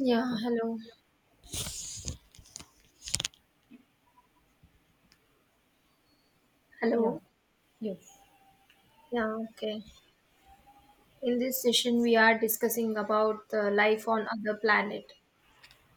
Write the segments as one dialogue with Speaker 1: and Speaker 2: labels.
Speaker 1: Yeah, hello.
Speaker 2: Yeah.
Speaker 1: Hello.
Speaker 2: Yes.
Speaker 1: Yeah, okay. In this session, we are discussing about the life on other planet.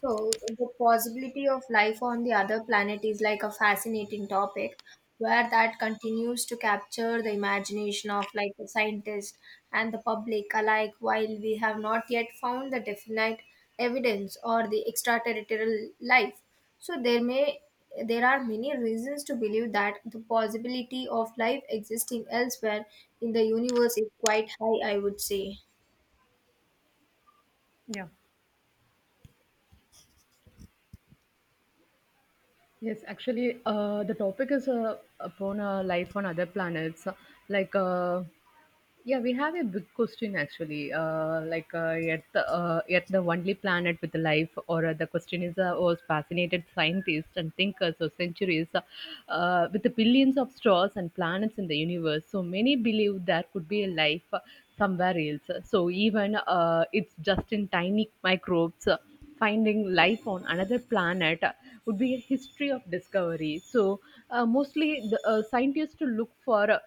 Speaker 1: So, the possibility of life on the other planet is like a fascinating topic where that continues to capture the imagination of like the scientists and the public alike, while we have not yet found the definite evidence or the extraterrestrial life. So there are many reasons to believe that the possibility of life existing elsewhere in the universe is quite high, I would say.
Speaker 2: Yeah. Yes, actually, the topic is upon life on other planets. Like, yeah, we have a big question actually. Like, yet the only planet with life, or the question is, was fascinated scientists and thinkers for centuries, with the billions of stars and planets in the universe. So many believe there could be a life somewhere else. So even it's just in tiny microbes. Finding life on another planet would be a history of discovery. So, mostly the scientists to look for. uh,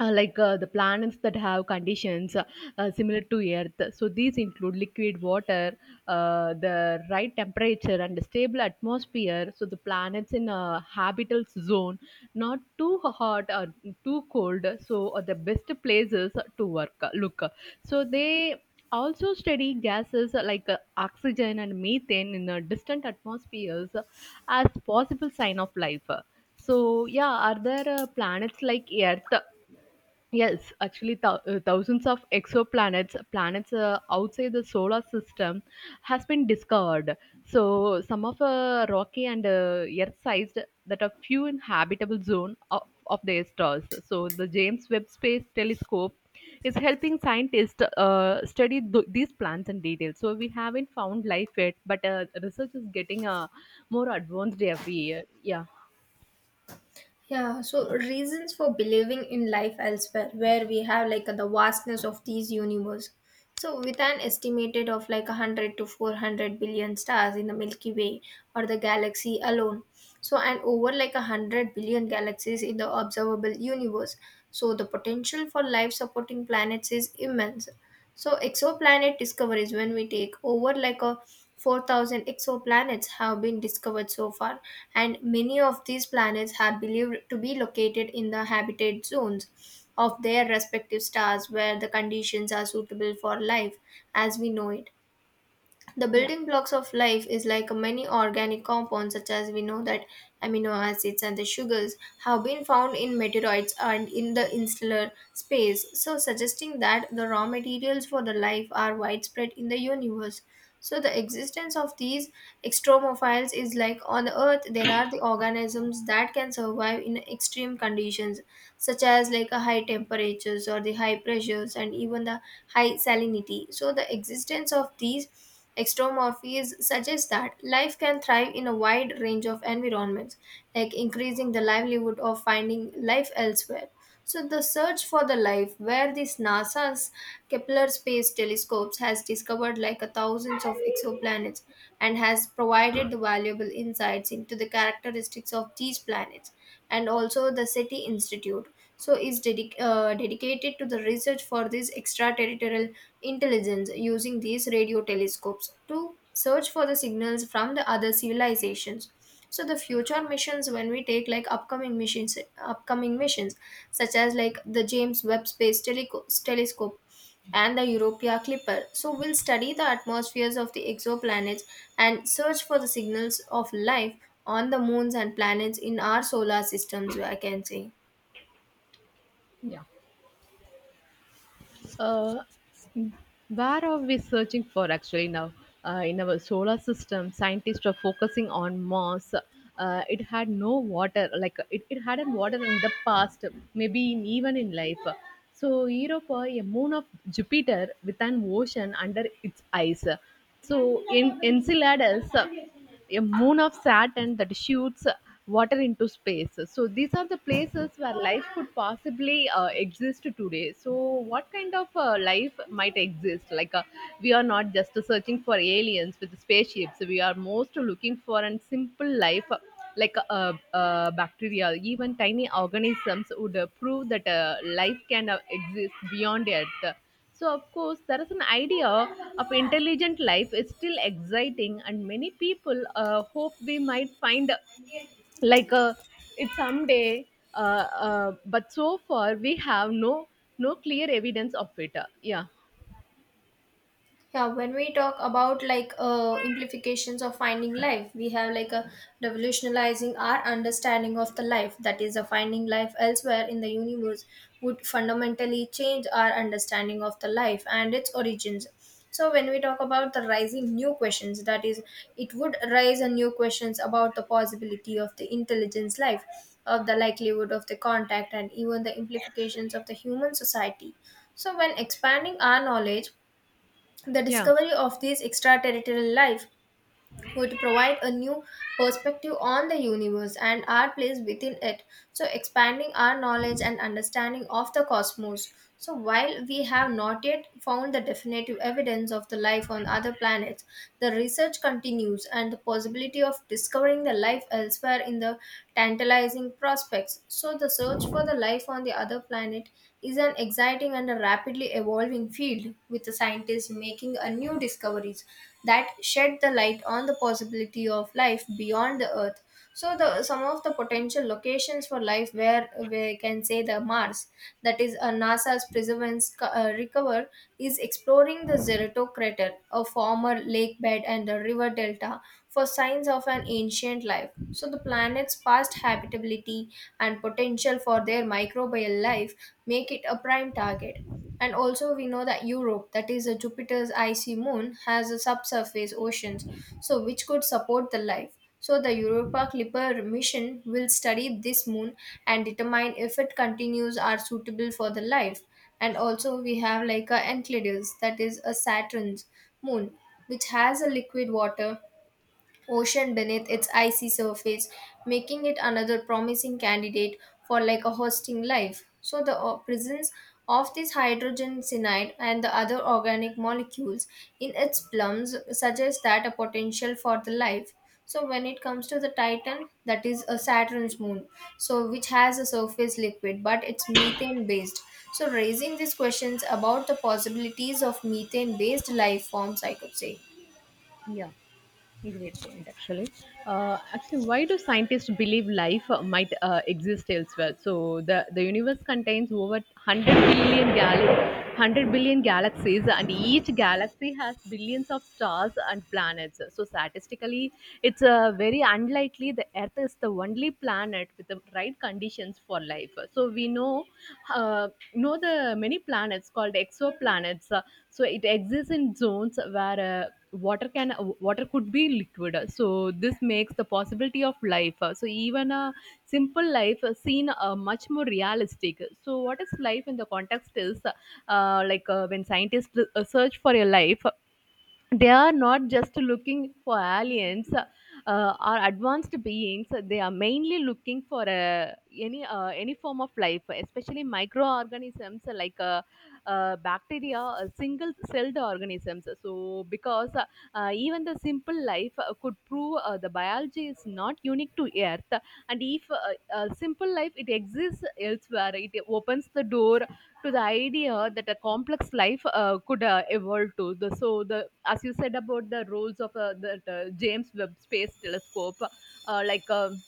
Speaker 2: uh, Like the planets that have conditions similar to Earth. So these include liquid water, the right temperature, and a stable atmosphere. So the planets in a habitable zone, not too hot or too cold. So are the best places to work. Look, so they also study gases like oxygen and methane in distant atmospheres as possible sign of life. So yeah, are there planets like Earth? Yes, actually, thousands of exoplanets, planets outside the solar system, has been discovered. So, some of rocky and Earth-sized that are few in habitable zone of their stars. So, the James Webb Space Telescope is helping scientists study these plants in detail. So, we haven't found life yet, but research is getting more advanced every year. Yeah.
Speaker 1: Yeah, so reasons for believing in life elsewhere, where we have like the vastness of these universe. So with an estimated of like 100 to 400 billion stars in the Milky Way or the galaxy alone. So and over like 100 billion galaxies in the observable universe. So the potential for life supporting planets is immense. So exoplanet discoveries, when we take over like a 4,000 exoplanets have been discovered so far, and many of these planets are believed to be located in the habitat zones of their respective stars where the conditions are suitable for life as we know it. The
Speaker 2: Yeah,
Speaker 1: building blocks of life is like many organic compounds, such as we know that amino acids and the sugars have been found in meteorites and in the interstellar space, so suggesting that the raw materials for the life are widespread in the universe. So the existence of these extremophiles is like on the Earth there are the organisms that can survive in extreme conditions, such as like a high temperatures or the high pressures and even the high salinity. So the existence of these extromorphies suggests that life can thrive in a wide range of environments, like increasing the livelihood of finding life elsewhere. So the search for the life, where this NASA's Kepler space telescopes has discovered like a thousands of exoplanets and has provided the valuable insights into the characteristics of these planets, and also the SETI Institute. So is dedicated to the research for this extraterritorial intelligence using these radio telescopes to search for the signals from the other civilizations. So the future missions, when we take like upcoming missions such as like the James Webb Space Telescope and the Europa Clipper. So, we'll study the atmospheres of the exoplanets and search for the signals of life on the moons and planets in our solar systems, I can say.
Speaker 2: yeah. Uh, where are we searching for actually now? In our solar system, scientists are focusing on Mars. It had no water, like it hadn't water in the past, maybe in, even in life. So, Europa, a moon of Jupiter with an ocean under its ice. So, in Enceladus, a moon of Saturn that shoots water into space. So these are the places where life could possibly exist today. So what kind of life might exist? Like we are not just searching for aliens with spaceships. We are most looking for a simple life like bacteria. Even tiny organisms would prove that life can exist beyond Earth. So, of course, there is an idea of intelligent life is still exciting, and many people hope we might find like a it someday. Uh, but so far, we have no clear evidence of it. Yeah,
Speaker 1: Yeah, when we talk about like implications of finding life, we have like a revolutionizing our understanding of the life, that is a finding life elsewhere in the universe would fundamentally change our understanding of the life and its origins. So when we talk about the rising new questions, that is it would raise a new questions about the possibility of the intelligence life, of the likelihood of the contact, and even the implications of the human society. So when expanding our knowledge, the
Speaker 2: yeah,
Speaker 1: discovery of these extraterritorial life would provide a new perspective on the universe and our place within it. So, expanding our knowledge and understanding of the cosmos. So, while we have not yet found the definitive evidence of the life on other planets, the research continues and the possibility of discovering the life elsewhere in the tantalizing prospects. So, the search for the life on the other planet is an exciting and a rapidly evolving field, with the scientists making a new discoveries that shed the light on the possibility of life beyond the Earth. So, the some of the potential locations for life, where we can say the Mars, that is NASA's Perseverance Recover, is exploring the Zerato crater, a former lake bed and a river delta, for signs of an ancient life. So, the planet's past habitability and potential for their microbial life make it a prime target. And also, we know that Europe, that is a Jupiter's icy moon, has a subsurface oceans, so which could support the life. So the Europa Clipper mission will study this moon and determine if it continues are suitable for the life. And also, we have like a Enceladus, that is a Saturn's moon, which has a liquid water ocean beneath its icy surface, making it another promising candidate for like a hosting life. So the presence of this hydrogen cyanide and the other organic molecules in its plums suggests that a potential for the life. So when it comes to the Titan, that is a Saturn's moon, so which has a surface liquid, but it's methane based. So raising these questions about the possibilities of methane based life forms, I could say.
Speaker 2: yeah. Great point, actually. Actually, why do scientists believe life might exist elsewhere? So the universe contains over 100 100 billion galaxies, and each galaxy has billions of stars and planets. So statistically, it's very unlikely the Earth is the only planet with the right conditions for life. So we know the many planets called exoplanets. So it exists in zones where water can water could be liquid, so this makes the possibility of life. So even a simple life seen much more realistic. So what is life in the context is like when scientists search for a life, they are not just looking for aliens or advanced beings. They are mainly looking for any form of life, especially microorganisms like bacteria, single celled organisms. So because even the simple life could prove the biology is not unique to Earth. And if simple life it exists elsewhere, it opens the door to the idea that a complex life could evolve to. The, so, the as you said about the roles of the James Webb Space Telescope.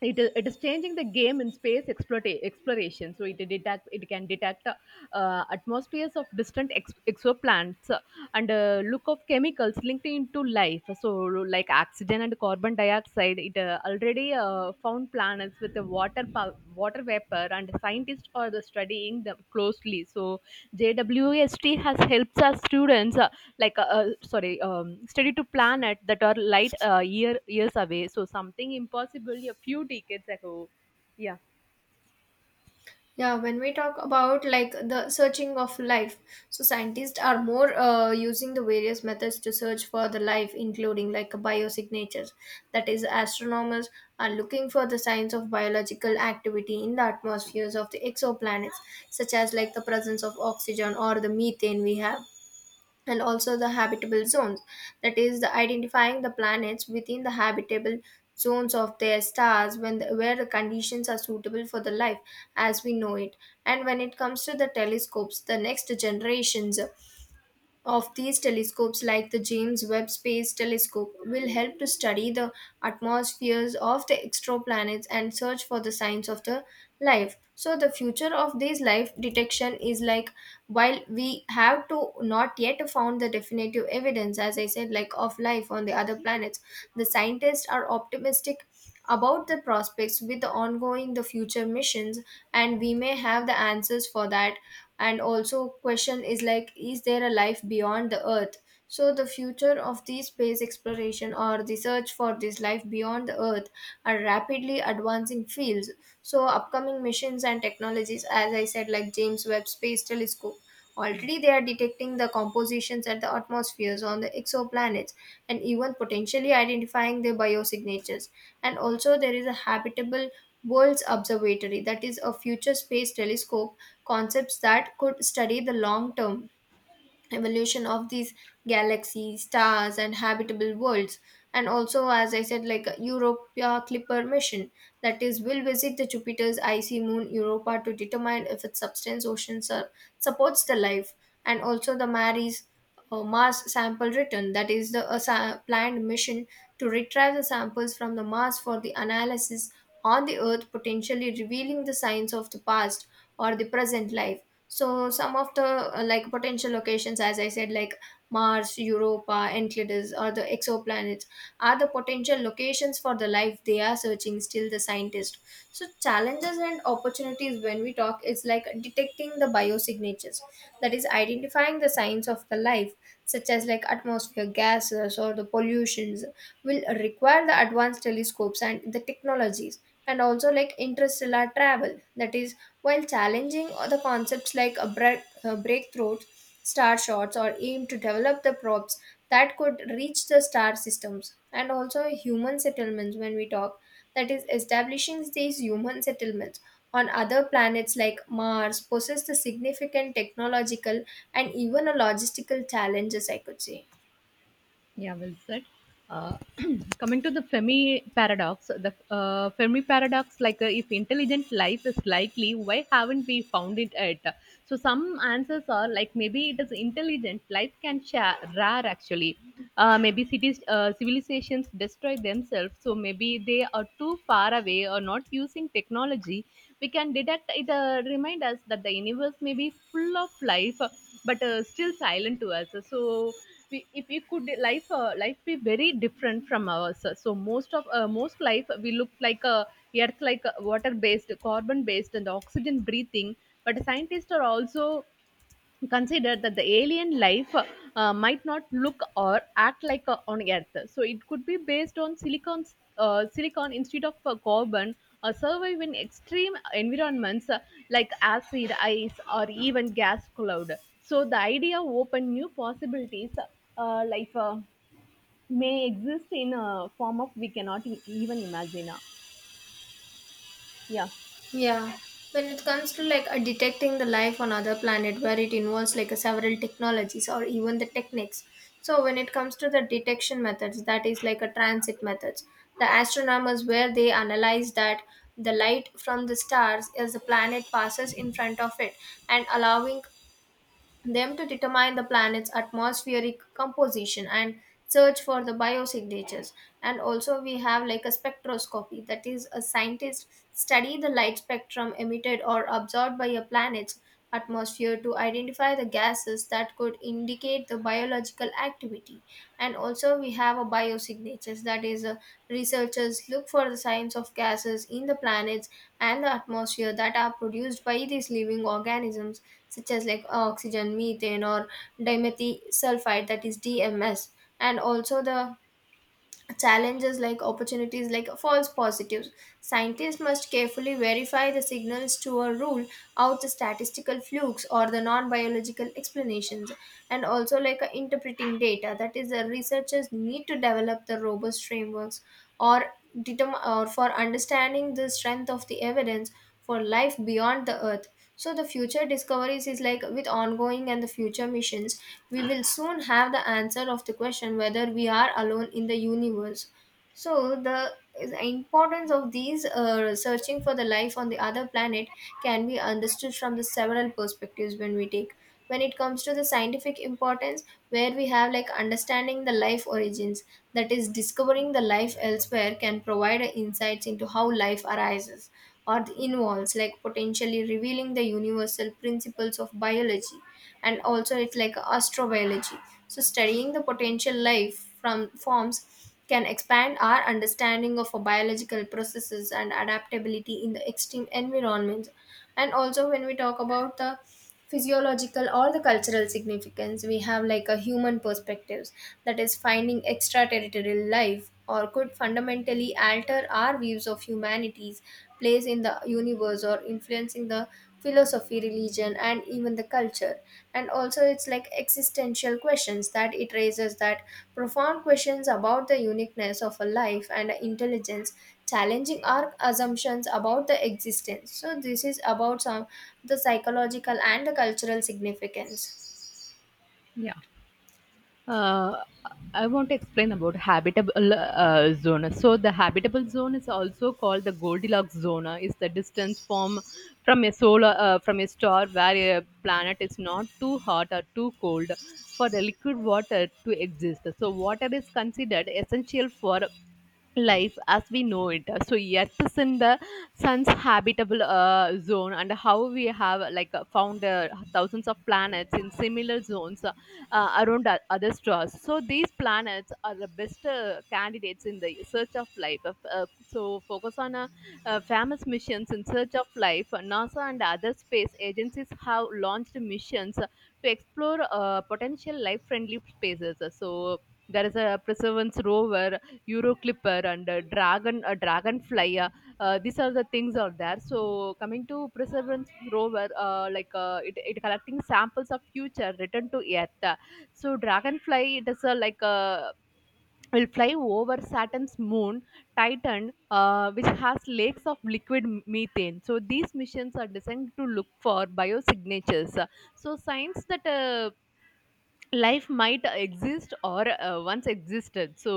Speaker 2: It is changing the game in space exploration. So it detect it can detect atmospheres of distant exoplanets, and look of chemicals linked into life, so like oxygen and carbon dioxide. It already found planets with a water vapor, and scientists are studying them closely. So JWST has helped our students like sorry, steady to planet that are light years away, so something impossible a few decades ago. Yeah.
Speaker 1: Yeah, when we talk about like the searching of life, so scientists are more using the various methods to search for the life, including like biosignatures. That is, astronomers are looking for the signs of biological activity in the atmospheres of the exoplanets, such as like the presence of oxygen or the methane we have, and also the habitable zones, that is the identifying the planets within the habitable zones of their stars where the conditions are suitable for the life as we know it. And when it comes to the telescopes, the next generations of these telescopes, like the James Webb Space Telescope, will help to study the atmospheres of the exoplanets and search for the signs of the life. So, the future of this life detection is like while we have to not yet found the definitive evidence, as I said, like of life on the other planets, the scientists are optimistic about the prospects with the ongoing the future missions, and we may have the answers for that. And also question is, like, is there a life beyond the Earth? So the future of the space exploration or the search for this life beyond the Earth are rapidly advancing fields. So upcoming missions and technologies, as I said, like James Webb Space Telescope, already they are detecting the compositions at the atmospheres on the exoplanets and even potentially identifying their biosignatures. And also there is a habitable worlds observatory, that is a future space telescope concepts that could study the long term evolution of these galaxies, stars, and habitable worlds. And also, as I said, like Europa Clipper mission, that is, will visit the Jupiter's icy moon Europa to determine if its substance oceans are supports the life. And also, the Maris Mars sample return, that is, the planned mission to retrieve the samples from the Mars for the analysis on the Earth, potentially revealing the signs of the past or the present life. So some of the like potential locations, as I said, like Mars, Europa, Enceladus, or the exoplanets, are the potential locations for the life they are searching. Still, the scientist. So challenges and opportunities, when we talk, it's like detecting the biosignatures, that is identifying the signs of the life, such as like atmosphere gases or the pollutions, will require the advanced telescopes and the technologies, and also like interstellar travel, that is while challenging the concepts like a breakthroughs, star shots, or aim to develop the probes that could reach the star systems, and also human settlements, when we talk, that is, establishing these human settlements on other planets like Mars poses the significant technological and even a logistical challenges, I could say.
Speaker 2: Yeah, well said. Uh, coming to the Fermi paradox, like if intelligent life is likely, why haven't we found it yet? So some answers are like maybe it is intelligent life can share rare actually. Maybe civilizations destroy themselves, so maybe they are too far away or not using technology. We can detect it. Remind us that the universe may be full of life, but still silent to us. So we, if we could life be very different from ours. So most life we look like a earth like, water based, carbon based, and oxygen breathing. But scientists are also consider that the alien life might not look or act like on Earth. So it could be based on silicon instead of carbon, or survive in extreme environments like acid, ice, or even gas cloud. So the idea open new possibilities. Life may exist in a form of we cannot even imagine. Yeah.
Speaker 1: Yeah, when it comes to like detecting the life on other planet, where it involves like a several technologies or even the techniques. So when it comes to the detection methods, that is like a transit methods. The astronomers where they analyze that the light from the stars as the planet passes in front of it and allowing them to determine the planet's atmospheric composition and search for the biosignatures. And also we have like a spectroscopy, that is a scientist study the light spectrum emitted or absorbed by a planet's atmosphere to identify the gases that could indicate the biological activity. And also we have a biosignatures, that is researchers look for the signs of gases in the planets and the atmosphere that are produced by these living organisms, such as like oxygen, methane, or dimethyl sulfide, that is DMS. And also the challenges like opportunities like false positives. Scientists must carefully verify the signals to a rule out the statistical flukes or the non biological explanations, and also like interpreting data. That is, the researchers need to develop the robust frameworks or determine or for understanding the strength of the evidence for life beyond the Earth. So the future discoveries is like with ongoing and the future missions, we will soon have the answer of the question whether we are alone in the universe. So the importance of these searching for the life on the other planet can be understood from the several perspectives, when we take when it comes to the scientific importance, where we have like understanding the life origins, that is discovering the life elsewhere can provide insights into how life arises or the involves, like potentially revealing the universal principles of biology. And also it's like astrobiology, so studying the potential life from forms can expand our understanding of biological processes and adaptability in the extreme environments. And also, when we talk about the physiological or the cultural significance, we have like a human perspectives, that is finding extraterritorial life or could fundamentally alter our views of humanity's place in the universe, or influencing the philosophy, religion, and even the culture. And also it's like existential questions, that it raises that profound questions about the uniqueness of a life and intelligence, challenging our assumptions about the existence. So this is about some the psychological and the cultural significance.
Speaker 2: Yeah. Uh, I want to explain about habitable zone. So the habitable zone is also called the Goldilocks zone. Is the distance from a star where a planet is not too hot or too cold for the liquid water to exist. So water is considered essential for life as we know it, so Earth is in the sun's habitable zone. And how we have like found thousands of planets in similar zones, around other stars. So these planets are the best candidates in the search of life. So focus on famous missions in search of life. NASA and other space agencies have launched missions to explore potential life friendly spaces. So there is a Perseverance rover, Euroclipper, and Dragonfly. These are the things are there. So coming to Perseverance rover, like it collecting samples of future return to Earth. So Dragonfly, it is like will fly over Saturn's moon Titan, which has lakes of liquid methane. So these missions are designed to look for biosignatures. So signs that life might exist or once existed. So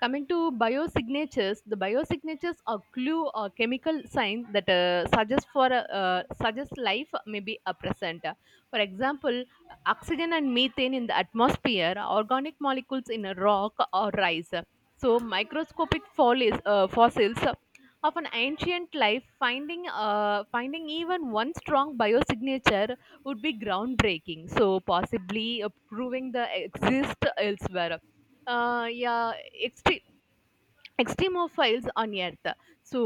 Speaker 2: coming to biosignatures, the biosignatures are clue or chemical sign that suggest life may be a present. For example, oxygen and methane in the atmosphere, organic molecules in a rock or rice, so microscopic fossils of an ancient life. Finding even one strong biosignature would be groundbreaking, so possibly proving the exist elsewhere. Yeah. ext- Extremophiles on Earth. So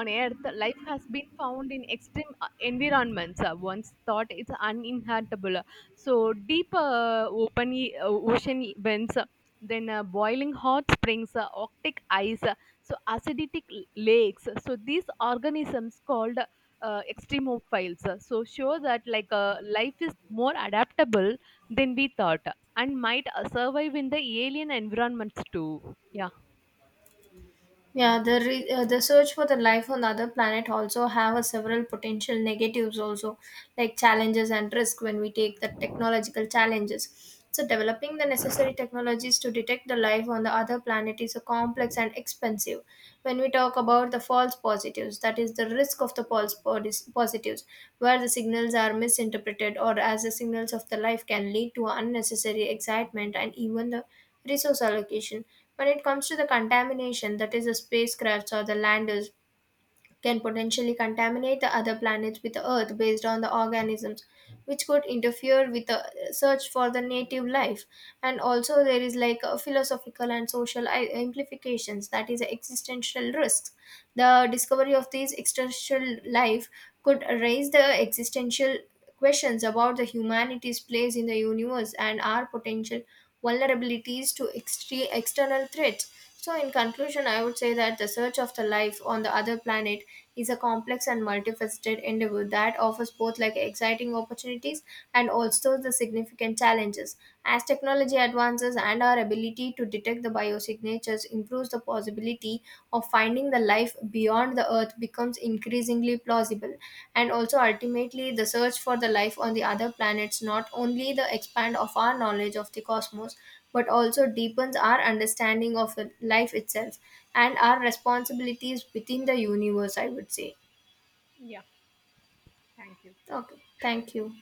Speaker 2: on Earth, life has been found in extreme environments, once thought it's uninhabitable. So deep open ocean vents, then boiling hot springs, arctic ice, so acidic lakes. So these organisms called extremophiles so show that like life is more adaptable than we thought, and might survive in the alien environments too. Yeah.
Speaker 1: Yeah, the search for the life on other planet also have a several potential negatives also, like challenges and risk, when we take the technological challenges. So developing the necessary technologies to detect the life on the other planet is a complex and expensive. When we talk about the false positives, that is the risk of the false positives, where the signals are misinterpreted or as the signals of the life can lead to unnecessary excitement and even the resource allocation. When it comes to the contamination, that is the spacecrafts or the landers can potentially contaminate the other planets with Earth based on the organisms, which could interfere with the search for the native life. And also, there is like a philosophical and social implications, that is existential risks. The discovery of these extraterrestrial life could raise the existential questions about the humanity's place in the universe and our potential vulnerabilities to external threats. So, in conclusion, I would say that the search of the life on the other planet is a complex and multifaceted endeavor that offers both like exciting opportunities and also the significant challenges. As technology advances and our ability to detect the biosignatures improves, the possibility of finding the life beyond the Earth becomes increasingly plausible. And also ultimately the search for the life on the other planets not only the expand of our knowledge of the cosmos, but also deepens our understanding of the life itself and our responsibilities within the universe, I would say. Okay, thank you.